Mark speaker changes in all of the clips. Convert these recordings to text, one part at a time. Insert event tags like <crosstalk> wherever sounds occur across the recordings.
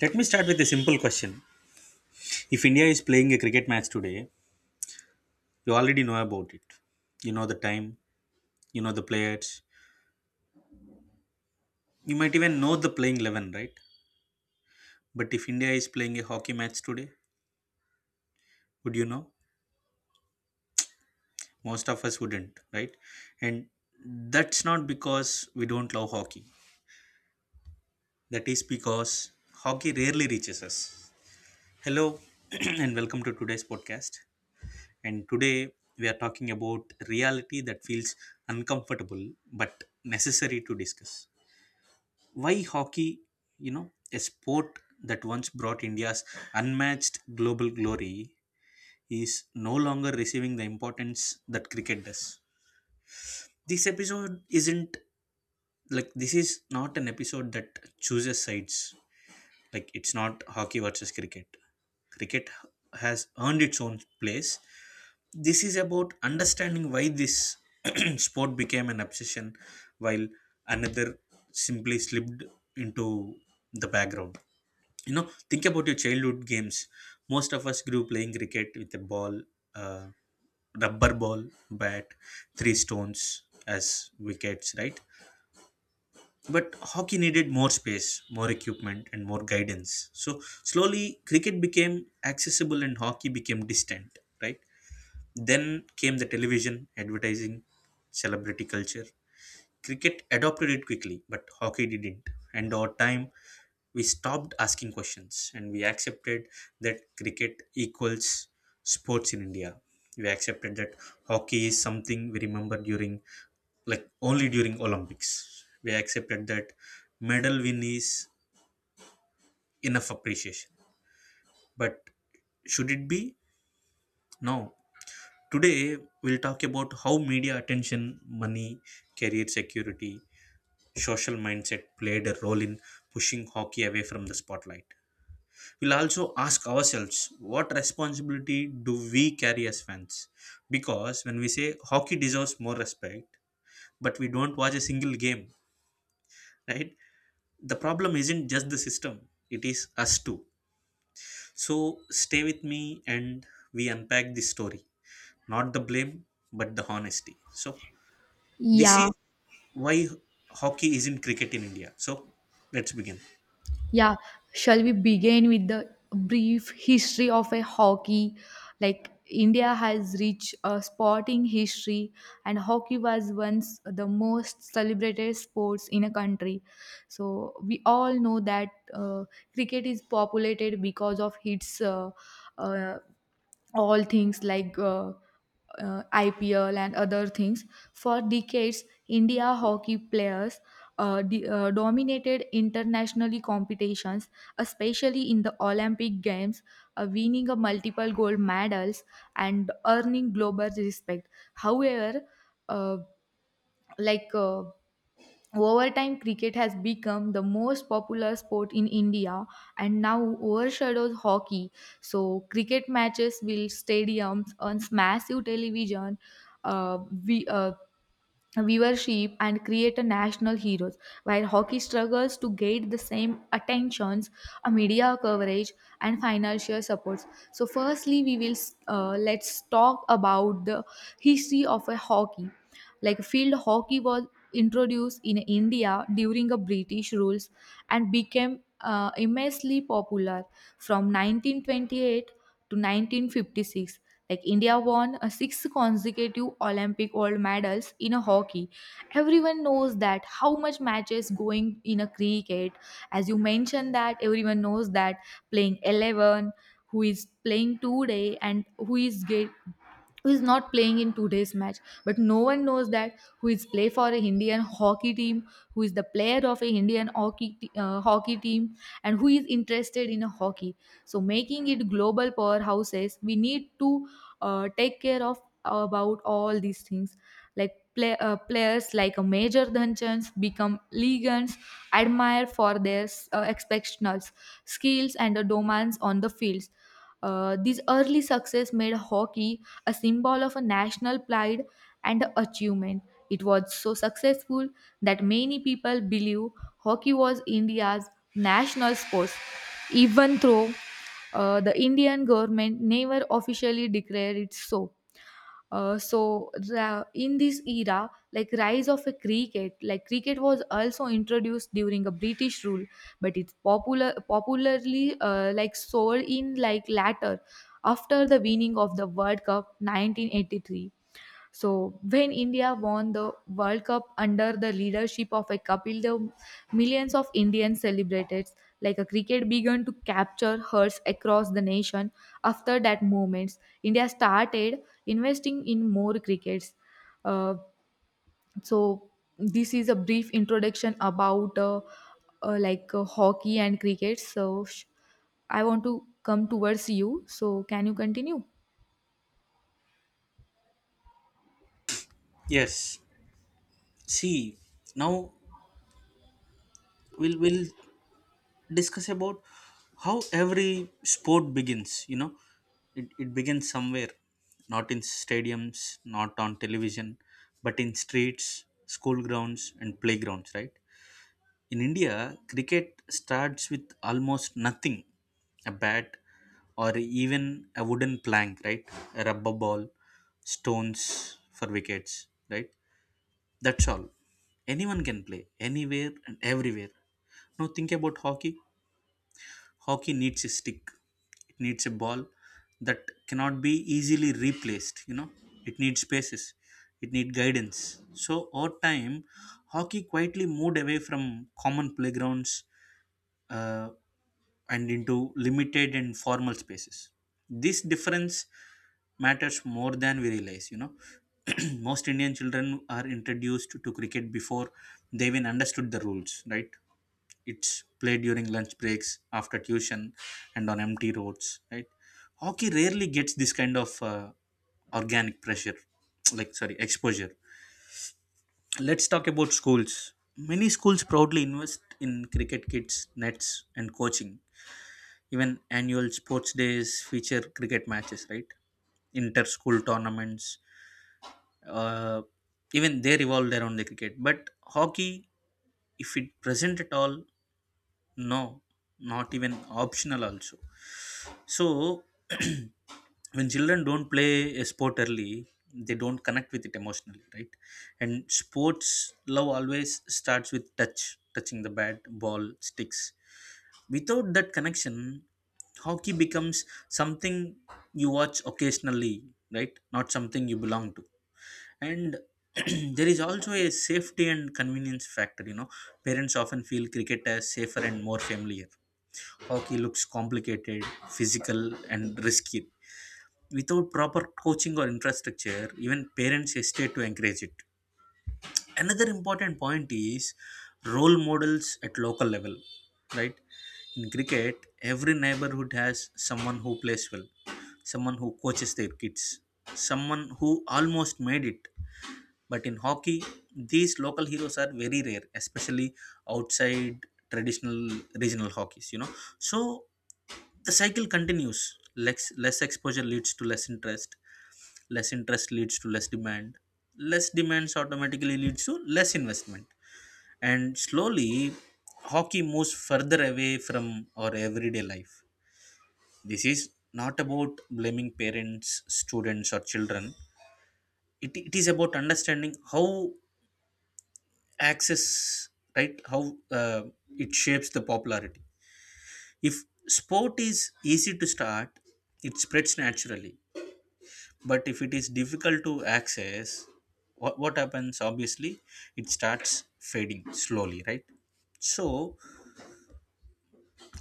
Speaker 1: Let me start with a simple question. If India is playing a cricket match today, you already know about it. You know the time, you know the players, you might even know the playing 11, right? But if India is playing a hockey match today, would you know? Most of us wouldn't, right? And that's not because we don't love hockey. That is because hockey rarely reaches us. Hello, <clears throat> and welcome to today's podcast. And today we are talking about reality that feels uncomfortable but necessary to discuss. Why hockey, a sport that once brought India's unmatched global glory, is no longer receiving the importance that cricket does. This episode isn't this is not an episode that chooses sides. Like it's not hockey versus cricket. Cricket has earned its own place. This is about understanding why this <clears throat> sport became an obsession while another simply slipped into the background. You know, think about your childhood games. Most of us grew playing cricket with a ball, uh, rubber ball, bat, three stones as wickets, right? But hockey needed more space, more equipment, and more guidance, so slowly cricket became accessible and hockey became distant, right? Then came the television, advertising, celebrity culture. Cricket adopted it quickly, but hockey didn't. And over time, we stopped asking questions and we accepted that cricket equals sports in India. We accepted that hockey is something we remember during, like, only during Olympics. We accepted that medal win is enough appreciation. But should it be? No. Today, we'll talk about how media attention, money, career security, social mindset played a role in pushing hockey away from the spotlight. We'll also ask ourselves, what responsibility do we carry as fans? Because when we say hockey deserves more respect, but we don't watch a single game, right? The problem isn't just the system, it is us too. So stay with me and we unpack this story. Not the blame, but the honesty. So, this is
Speaker 2: Yeah,
Speaker 1: why hockey is in cricket in India. So let's begin.
Speaker 2: yeah. Shall we begin with the brief history of a hockey? Like India has rich sporting history, and hockey was once the most celebrated sports in a country. So we all know that cricket is populated because of its uh, all things like IPL and other things. For decades, India hockey players dominated internationally competitions, especially in the Olympic Games, winning a multiple gold medals and earning global respect. However, uh, like uh, over time, cricket has become the most popular sport in India and now overshadows hockey. So, cricket matches will stadiums on massive television. Uh, we, uh, viewership and create a national heroes while hockey struggles to get the same attentions media coverage and financial supports. So firstly we will, let's talk about the history of a hockey. Like field hockey was introduced in India during a British rules and became immensely popular from 1928 to 1956. Like India won a six consecutive Olympic gold medals in a hockey. Everyone knows that how much matches going in a cricket. As you mentioned that everyone knows that playing 11, who is playing today and who is get, who is not playing in today's match, but no one knows that who is play for a Indian hockey team, who is the player of a Indian hockey hockey team and who is interested in a hockey. So making it global powerhouses we need to take care of about all these things. Like players like a major dhanchans become legends admired for their exceptional skills and the dominance on the fields. This early success made hockey a symbol of a national pride and achievement. It was so successful that many people believe hockey was India's national sport, even though the Indian government never officially declared it so. In this era, like rise of a cricket, like cricket was also introduced during a British rule, but it's popularly like sold in like latter after the winning of the World Cup 1983. So, when India won the World Cup under the leadership of a Kapil Dev, millions of Indians celebrated. Like a cricket began to capture hearts across the nation. After that moment, India started investing in more crickets. Uh, so, this is a brief introduction about hockey and cricket. So, I want to come towards you. So, can you continue?
Speaker 1: Yes. See, now we'll discuss about how every sport begins. You know, it begins somewhere, not in stadiums, not on television, but in streets, school grounds, and playgrounds. Right? In India, cricket starts with almost nothing, a bat, or even a wooden plank, right? A rubber ball, stones for wickets, right? That's all. Anyone can play anywhere and everywhere. Now think about hockey. Hockey needs a stick. It needs a ball that cannot be easily replaced, you know. It needs spaces. It needs guidance. So over time, hockey quietly moved away from common playgrounds uh, and into limited and formal spaces. This difference matters more than we realize, you know. <clears throat> Most Indian children are introduced to cricket before they even understood the rules, right? It's played during lunch breaks, after tuition, and on empty roads, right? Hockey rarely gets this kind of organic pressure, <tsk> like, sorry, exposure. Let's talk about schools. Many schools proudly invest in cricket kits, nets, and coaching. Even annual sports days feature cricket matches, right? Inter-school tournaments, uh, even they revolve around the cricket, but hockey, if it present at all, no, not even optional also. So, <clears throat> when children don't play a sport early, they don't connect with it emotionally, right? And sports love always starts with touch, touching the bat, ball, sticks. Without that connection, hockey becomes something you watch occasionally, right? Not something you belong to. And <clears throat> there is also a safety and convenience factor, you know. Parents often feel cricket as safer and more familiar. Hockey looks complicated, physical, and risky. Without proper coaching or infrastructure, even parents hesitate to encourage it. Another important point is role models at local level, right? In cricket, every neighborhood has someone who plays well, someone who coaches their kids, someone who almost made it. But in hockey, these local heroes are very rare, especially outside traditional regional hockeys, you know. So the cycle continues. Less exposure leads to less interest. Less interest leads to less demand. Less demands automatically leads to less investment. And slowly, hockey moves further away from our everyday life. This is not about blaming parents, students, or children. It is about understanding how access, right, how it shapes the popularity. If sport is easy to start, it spreads naturally, but if it is difficult to access, what happens obviously, it starts fading slowly, right? So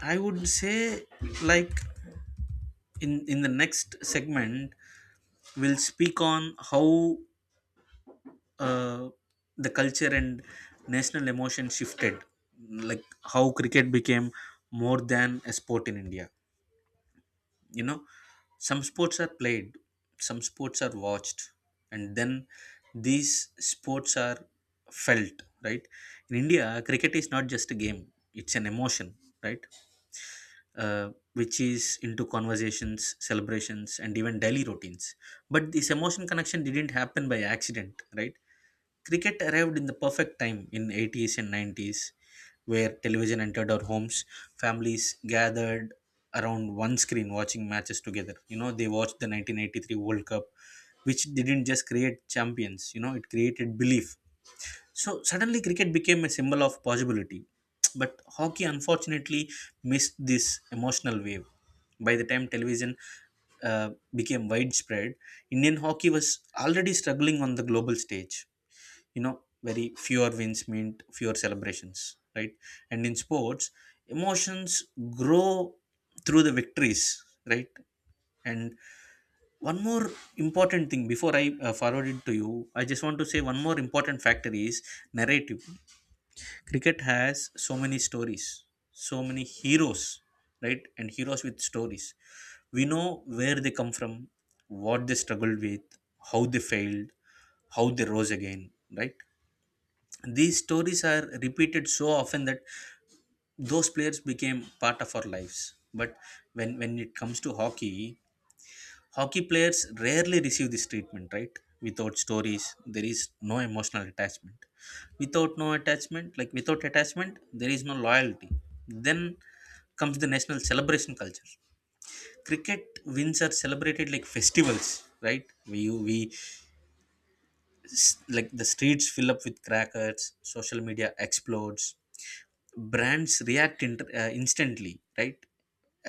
Speaker 1: I would say, like, in the next segment, we'll speak on how uh, the culture and national emotion shifted, like how cricket became more than a sport in India. You know, some sports are played, some sports are watched, and then these sports are felt, right? In India, cricket is not just a game, it's an emotion, right? uh, which is into conversations, celebrations, and even daily routines. But this emotion connection didn't happen by accident, right? Cricket arrived in the perfect time in '80s and '90s where television entered our homes. Families gathered around one screen watching matches together. You know, they watched the 1983 World Cup, which didn't just create champions, you know, it created belief. So suddenly cricket became a symbol of possibility. But hockey, unfortunately, missed this emotional wave. By the time television became widespread, Indian hockey was already struggling on the global stage, you know. Very fewer wins mean fewer celebrations, right? And in sports, emotions grow through the victories, right? And one more important thing before I forward it to you, I just want to say one more important factor is narrative. Cricket has so many stories, so many heroes, right? And heroes with stories, we know where they come from, what they struggled with, how they failed, how they rose again, right? These stories are repeated so often that those players became part of our lives, but when it comes to hockey, hockey players rarely receive this treatment, right? Without stories, there is no emotional attachment. Without no attachment, like without attachment, there is no loyalty. Then comes the national celebration culture. Cricket wins are celebrated like festivals, right? Like the streets fill up with crackers, social media explodes, brands react instantly, right?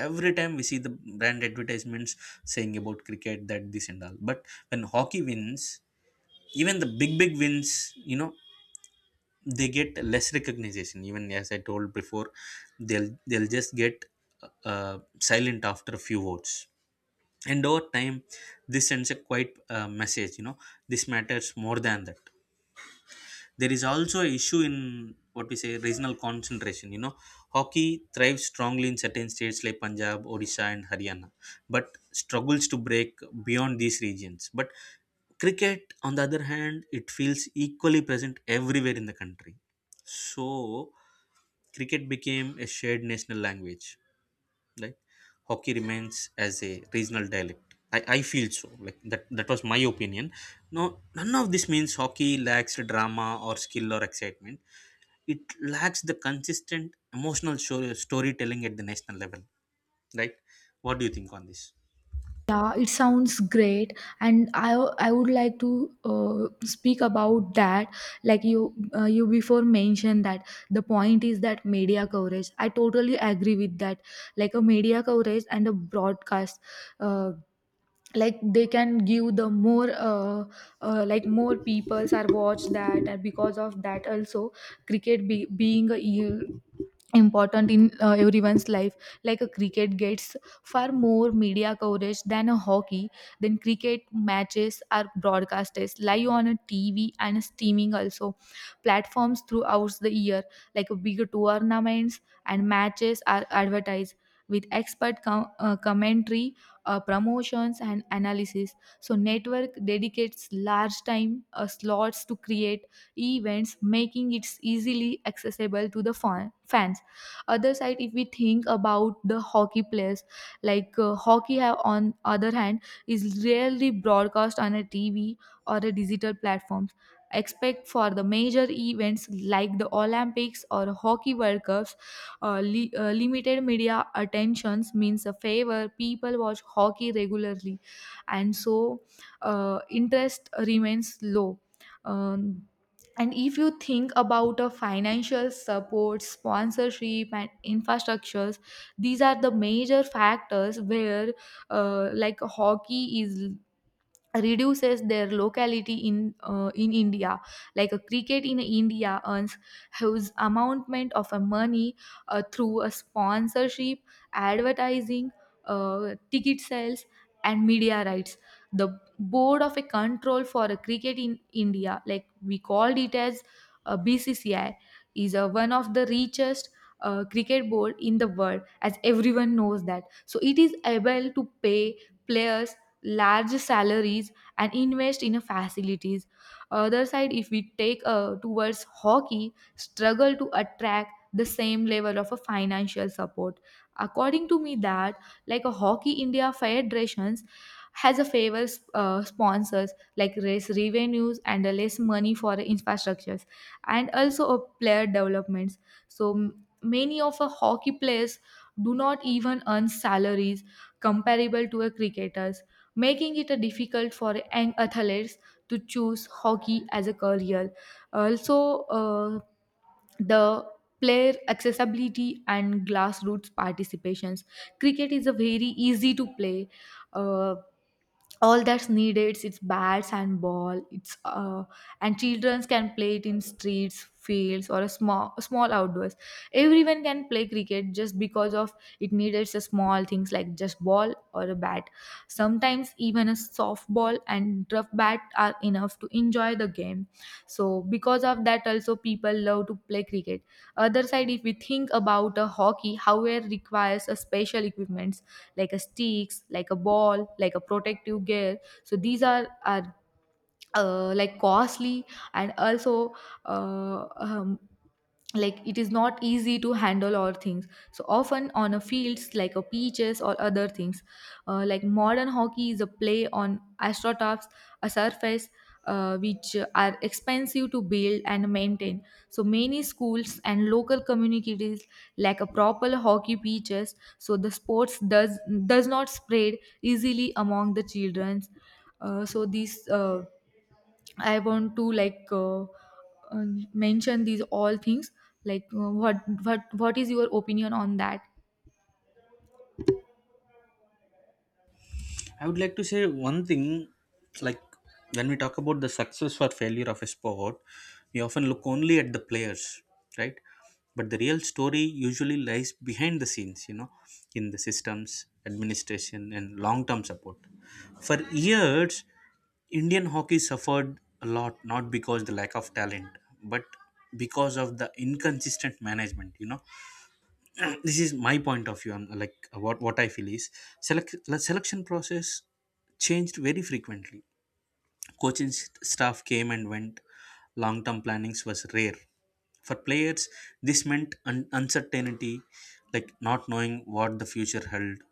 Speaker 1: Every time we see the brand advertisements saying about cricket that this and all, but when hockey wins, even the big wins, you know, they get less recognition. Even as I told before, they'll just get silent after a few votes. And over time, this sends a quite message, you know, this matters more than that. There is also an issue in what we say regional concentration, you know. Hockey thrives strongly in certain states like Punjab, Odisha, and Haryana, but struggles to break beyond these regions. But cricket, on the other hand, it feels equally present everywhere in the country. So cricket became a shared national language, like hockey remains as a regional dialect. I feel so, like that that was my opinion. No, none of this means hockey lacks drama or skill or excitement. It lacks the consistent emotional show, storytelling at the national level, right? What do you think on this?
Speaker 2: Yeah, it sounds great, and I would like to speak about that. Like you you before mentioned that the point is that media coverage. I totally agree with that. Like a media coverage and a broadcast. Uh, like they can give the more like more peoples are watched that, and because of that also cricket being a important in everyone's life. Like a cricket gets far more media coverage than a hockey. Then cricket matches are broadcasted live on a TV and streaming also platforms throughout the year, like big tournaments and matches are advertised with expert commentary, promotions and analysis. So network dedicates large time slots to create events, making it easily accessible to the fans. Other side if we think about the hockey players, like hockey have on other hand is rarely broadcast on a TV or a digital platforms expect for the major events like the Olympics or hockey World Cups. Limited media attentions means a favor. People watch hockey regularly, and so interest remains low. Um, and if you think about a financial support, sponsorship, and infrastructures, these are the major factors where, like hockey is reduces their locality in India. Like a cricket in India earns huge amount of a money through a sponsorship, advertising, ticket sales and media rights. The board of a control for a cricket in India, like we called it as a BCCI, is a, one of the richest cricket board in the world, as everyone knows that. So it is able to pay players large salaries and invest in facilities. Other side, if we take towards hockey, struggle to attract the same level of a financial support. According to me, that like a hockey India federations has a favors sponsors like less revenues and less money for infrastructures and also a player developments. So many of a hockey players do not even earn salaries comparable to a cricketers, making it a difficult for young athletes to choose hockey as a career. Also, the player accessibility and grassroots participations. Cricket is a very easy to play. Uh, all that's needed is bats and ball. It's And children can play it in streets, fields or a small small outdoors. Everyone can play cricket just because of it needed a small things like just ball or a bat. Sometimes even a softball and rough bat are enough to enjoy the game. So because of that also people love to play cricket. Other side if we think about a hockey, however, requires a special equipment like a sticks, like a ball, like a protective gear. So these are like costly, and also uh, um, like it is not easy to handle all things so often on a fields like a pitches or other things. Like modern hockey is a play on astroturfs, a surface which are expensive to build and maintain. So many schools and local communities lack a proper hockey pitches, so the sports does not spread easily among the children. Uh, so these uh, I want to mention these all things. Like what what is your opinion on that?
Speaker 1: I would like to say one thing, like when we talk about the success or failure of a sport, we often look only at the players, right? But the real story usually lies behind the scenes, you know, in the systems, administration, and long term support. For years, Indian hockey suffered a lot, not because the lack of talent, but because of the inconsistent management, you know. <clears throat> This is my point of view. And what I feel is, selection process changed very frequently. Coaching staff came and went. Long term plannings was rare for players. This meant uncertainty, like not knowing what the future held,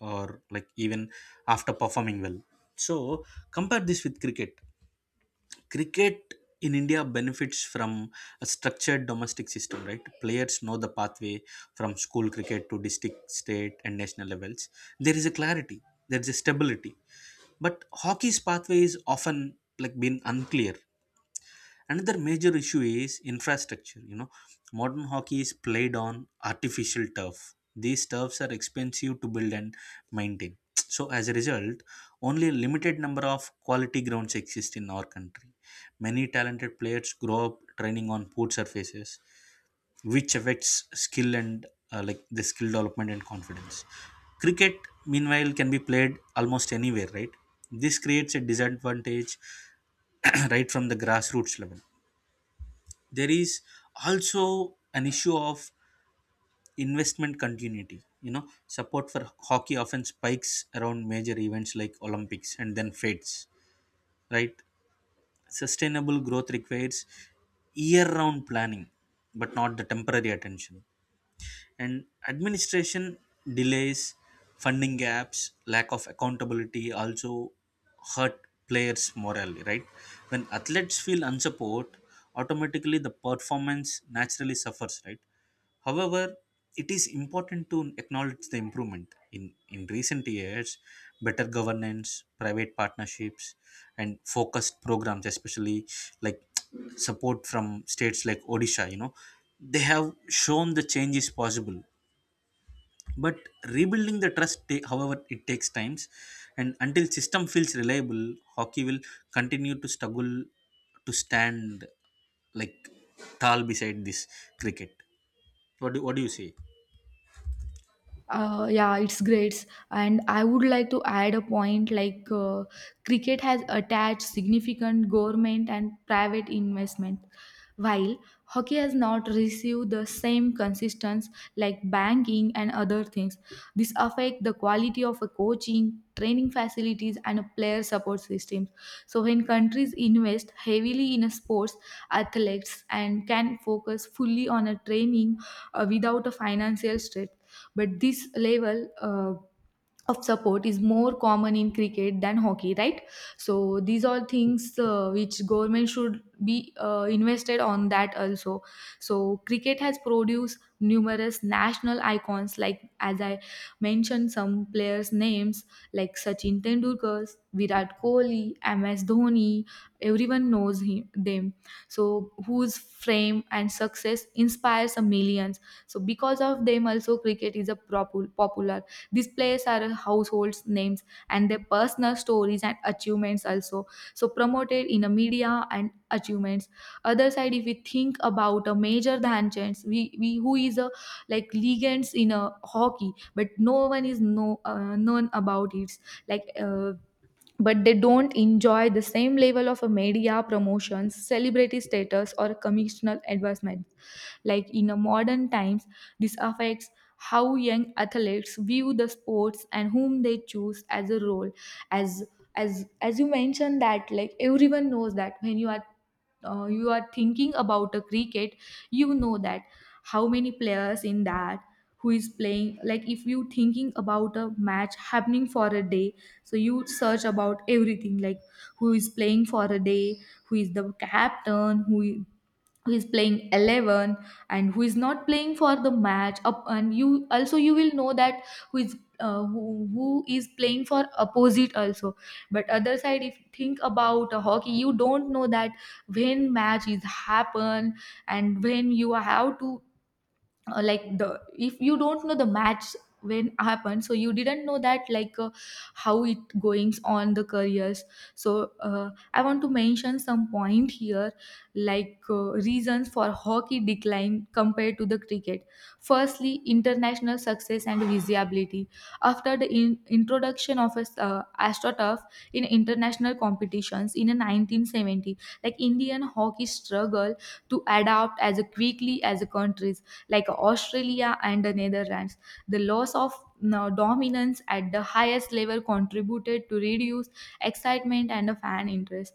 Speaker 1: or like even after performing well. So compare this with cricket. Cricket in India benefits from a structured domestic system, right? Players know the pathway from school cricket to district, state, and national levels. There is a clarity, there is a stability. But hockey's pathway is often been unclear. Another major issue is infrastructure, you know, modern hockey is played on artificial turf. These turfs are expensive to build and maintain, so as a result only a limited number of quality grounds exist in our country. Many talented players grow up training on poor surfaces, which affects skill and the skill development and confidence. Cricket, meanwhile, can be played almost anywhere, right? This creates a disadvantage <coughs> <clears throat> right from the grassroots level. There is also an issue of investment continuity, support for hockey often spikes around major events like olympics and then fades, right? Sustainable growth requires year round planning, but not the temporary attention. And administration delays, funding gaps, lack of accountability also hurt players morally, right? When athletes feel unsupport, automatically the performance naturally suffers, right? However, it is important to acknowledge the improvement. In recent years, better governance, private partnerships, and focused programs, especially like support from states like Odisha, they have shown the change is possible. But rebuilding the trust, however, it takes times, and until system feels reliable, hockey will continue to struggle to stand like tall beside this cricket. What do you say?
Speaker 2: Yeah, it's great, and I would like to add a point like, cricket has attached significant government and private investment while hockey has not received the same consistency like banking and other things. This affect the quality of a coaching, training facilities and a player support systems. So when countries invest heavily in a sports, athletes and can focus fully on a training, without a financial stress, but this level of support is more common in cricket than hockey, right? So these are things which government should be invested on that also. So cricket has produced numerous national icons, like as I mentioned some players names, like Sachin Tendulkar, Virat Kohli, MS Dhoni. Everyone knows him, them, so whose fame and success inspires a millions. So because of them also cricket is a popular. These players are household names, and their personal stories and achievements also so promoted in a media and achievements. Other side, if we think about a major than chance, we who is a like legends in a hockey, but no one is no known about it. Like. But they don't enjoy the same level of a media promotions, celebrity status, or commissional advancement like in a modern times. This affects how young athletes view the sports and whom they choose as a role. As as as you mentioned that, like everyone knows that when you are thinking about a cricket, you know that how many players in that, who is playing. Like if you thinking about a match happening for a day, so you search about everything like who is playing for a day, who is the captain, who is playing 11 and who is not playing for the match up. And you also you will know that who is who is playing for opposite also. But other side if you think about hockey, you don't know that when match is happen and when you have to, like the, if you don't know the match when happened, so you didn't know that like how it goings on the careers. So I want to mention some point here, like reasons for hockey decline compared to the cricket. Firstly, international success and visibility. After the introduction of a, astroturf in international competitions in 1970, like Indian hockey struggled to adapt as quickly as the countries like Australia and the Netherlands. The loss of dominance at the highest level contributed to reduced excitement and a fan interest.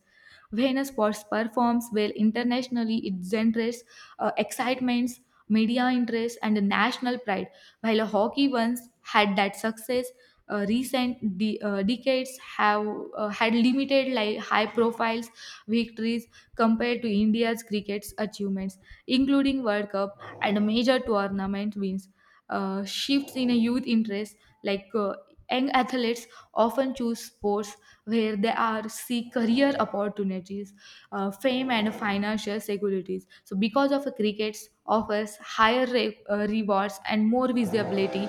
Speaker 2: When a sports performs well internationally, it generates excitements, media interest, and a national pride. While a hockey once had that success, recent decades have had limited like high profiles victories compared to India's cricket's achievements, including World Cup and major tournament wins. Shifts in a youth interest, like young athletes often choose sports where they are seek career opportunities, fame, and financial securities. So, because of cricket offers higher rewards and more visibility,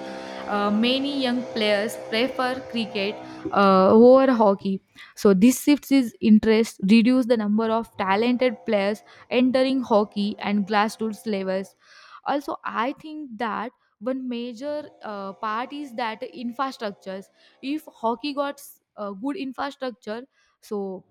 Speaker 2: many young players prefer cricket over hockey. So this shifts his interest, reduce the number of talented players entering hockey and grassroots levels. Also I think that one major part is that infrastructures. If hockey got good infrastructure, so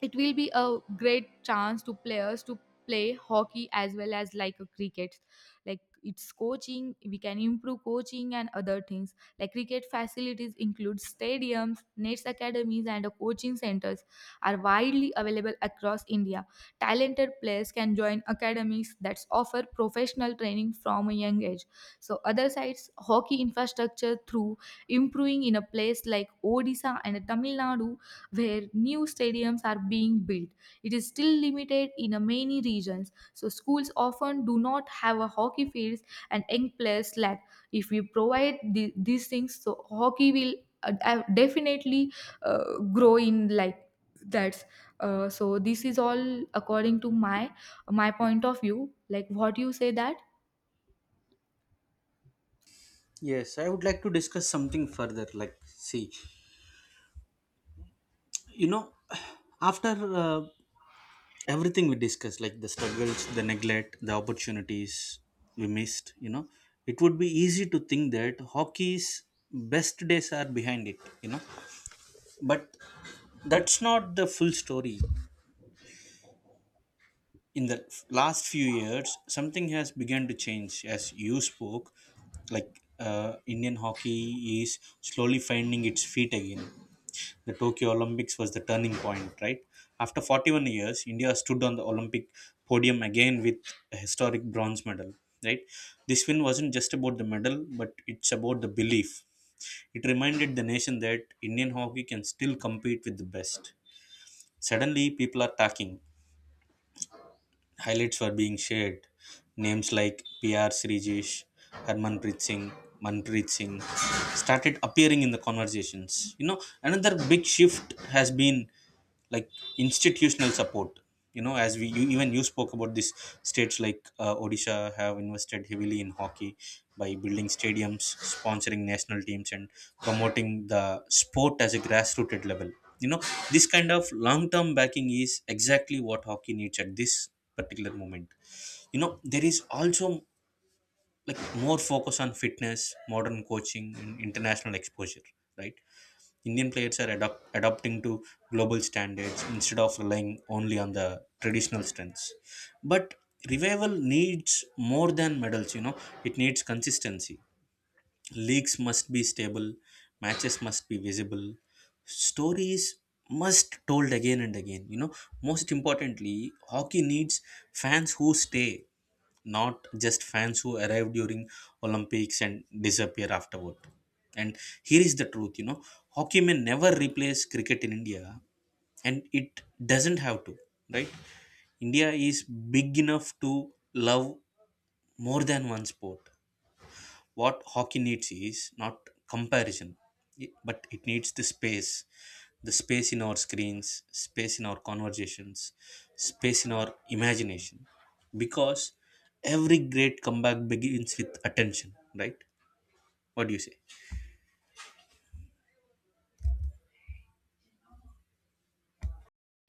Speaker 2: it will be a great chance to players to play hockey as well as like a cricket. Like it's coaching, we can improve coaching and other things. Like cricket facilities include stadiums, nets, academies and coaching centers are widely available across India. Talented players can join academies that offer professional training from a young age. So other sides, hockey infrastructure through improving in a place like Odisha and Tamil Nadu, where new stadiums are being built. It is still limited in a many regions, so schools often do not have a hockey fields and young players lack. If we provide the, these things, so hockey will definitely grow in like that. So this is all according to my point of view. Like what you say that.
Speaker 1: Yes, I would like to discuss something further. Like, see, you know, <sighs> after uh, everything we discussed, like the struggles, the neglect, the opportunities we missed, it would be easy to think that hockey's best days are behind it. But that's not the full story. In the last few years, something has begun to change, as you spoke. Like, Indian hockey is slowly finding its feet again. The Tokyo Olympics was the turning point, right? After 41 years, India stood on the Olympic podium again with a historic bronze medal, right? This win wasn't just about the medal, but it's about the belief. It reminded the nation that Indian hockey can still compete with the best. Suddenly, people are talking, highlights were being shared. Names like PR Srijesh, Harmanpreet Singh, Manpreet Singh started appearing in the conversations. You know, another big shift has been like institutional support. You know, even you spoke about this, states like Odisha have invested heavily in hockey by building stadiums, sponsoring national teams, and promoting the sport as a grassroots level. You know, this kind of long-term backing is exactly what hockey needs at this particular moment. You know, there is also more focus on fitness, modern coaching, and international exposure, right? Indian players are adopting to global standards instead of relying only on the traditional strengths. But revival needs more than medals, you know, it needs consistency. Leagues must be stable, matches must be visible, stories must told again and again. You know, most importantly, hockey needs fans who stay, not just fans who arrive during Olympics and disappear afterward. And here is the truth, hockey may never replace cricket in India, and it doesn't have to, right? India is big enough to love more than one sport. What hockey needs is not comparison, but it needs the space, the space in our screens, space in our conversations, space in our imagination. Because every great comeback begins with attention, right? What do you say?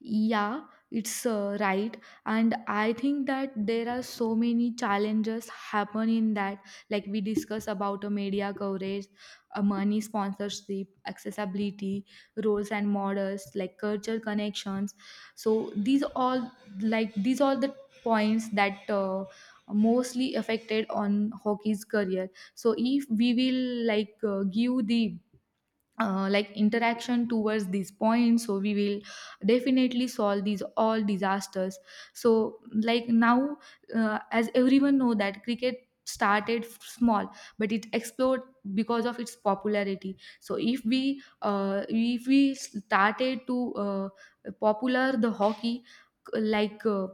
Speaker 2: Yeah, it's right. And I think that there are so many challenges happen in that, like we discuss about a media coverage, a money sponsorship, accessibility, roles and models, like culture connections. So these all like these are the points that mostly affected on hockey's career. So if we will give the like interaction towards these points, so we will definitely solve these all disasters. So like now as everyone know that cricket started small but it exploded because of its popularity. So if we started to popular the hockey like, uh,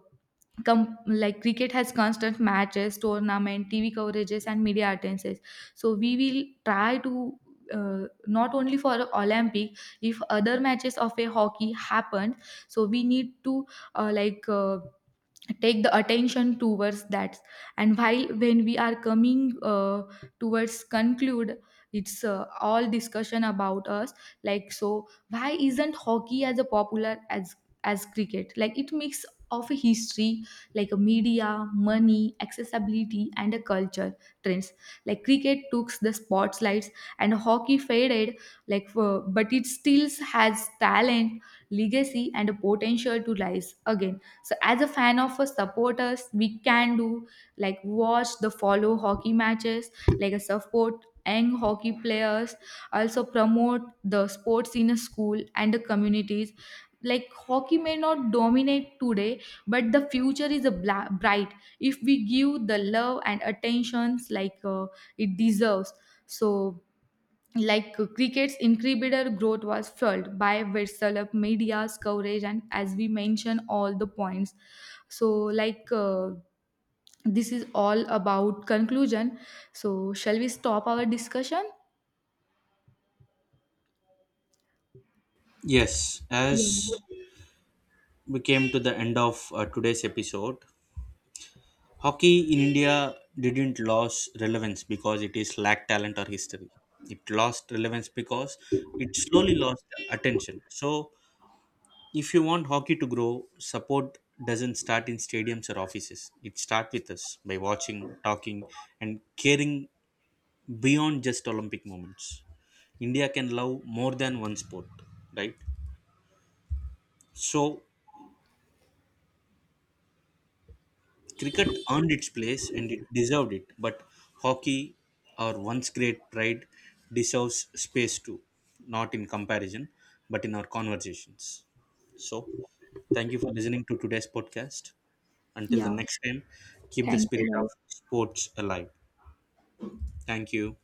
Speaker 2: com- like cricket has constant matches, tournament, TV coverages and media attendances, so we will try to not only for Olympic, if other matches of a hockey happened, so we need to uh, like uh, take the attention towards that. And while when we are coming towards conclude, it's all discussion about us. Like so why isn't hockey as a popular as cricket? Like it mix of a history, like a media, money, accessibility and a culture trends. Like cricket took the spotlights and hockey faded like for, but it still has talent, legacy and a potential to rise again. So as a fan of a supporters we can do like watch, the follow hockey matches, like a support young hockey players, also promote the sports in a school and the communities. Like hockey may not dominate today, but the future is a bright if we give the love and attentions like it deserves. So like cricket's incredible growth was fueled by Virsalap media's coverage, and as we mentioned, all the points. So, like, this is all about conclusion. So, shall we stop our discussion?
Speaker 1: Yes. As
Speaker 2: Yeah.
Speaker 1: we came to the end of today's episode, hockey in india didn't lose relevance because it is lacked talent or history. It lost relevance because it slowly lost attention. So if you want hockey to grow, support doesn't start in stadiums or offices. It starts with us by watching, talking, and caring beyond just Olympic moments. India can love more than one sport, right? So, cricket earned its place and it deserved it, but hockey, our once great pride, deserves space too, not in comparison, but in our conversations. So, thank you for listening to today's podcast. Until the
Speaker 2: Yeah.
Speaker 1: next time, keep the
Speaker 2: Thank you,
Speaker 1: spirit of
Speaker 2: guys.
Speaker 1: sports alive. Thank you.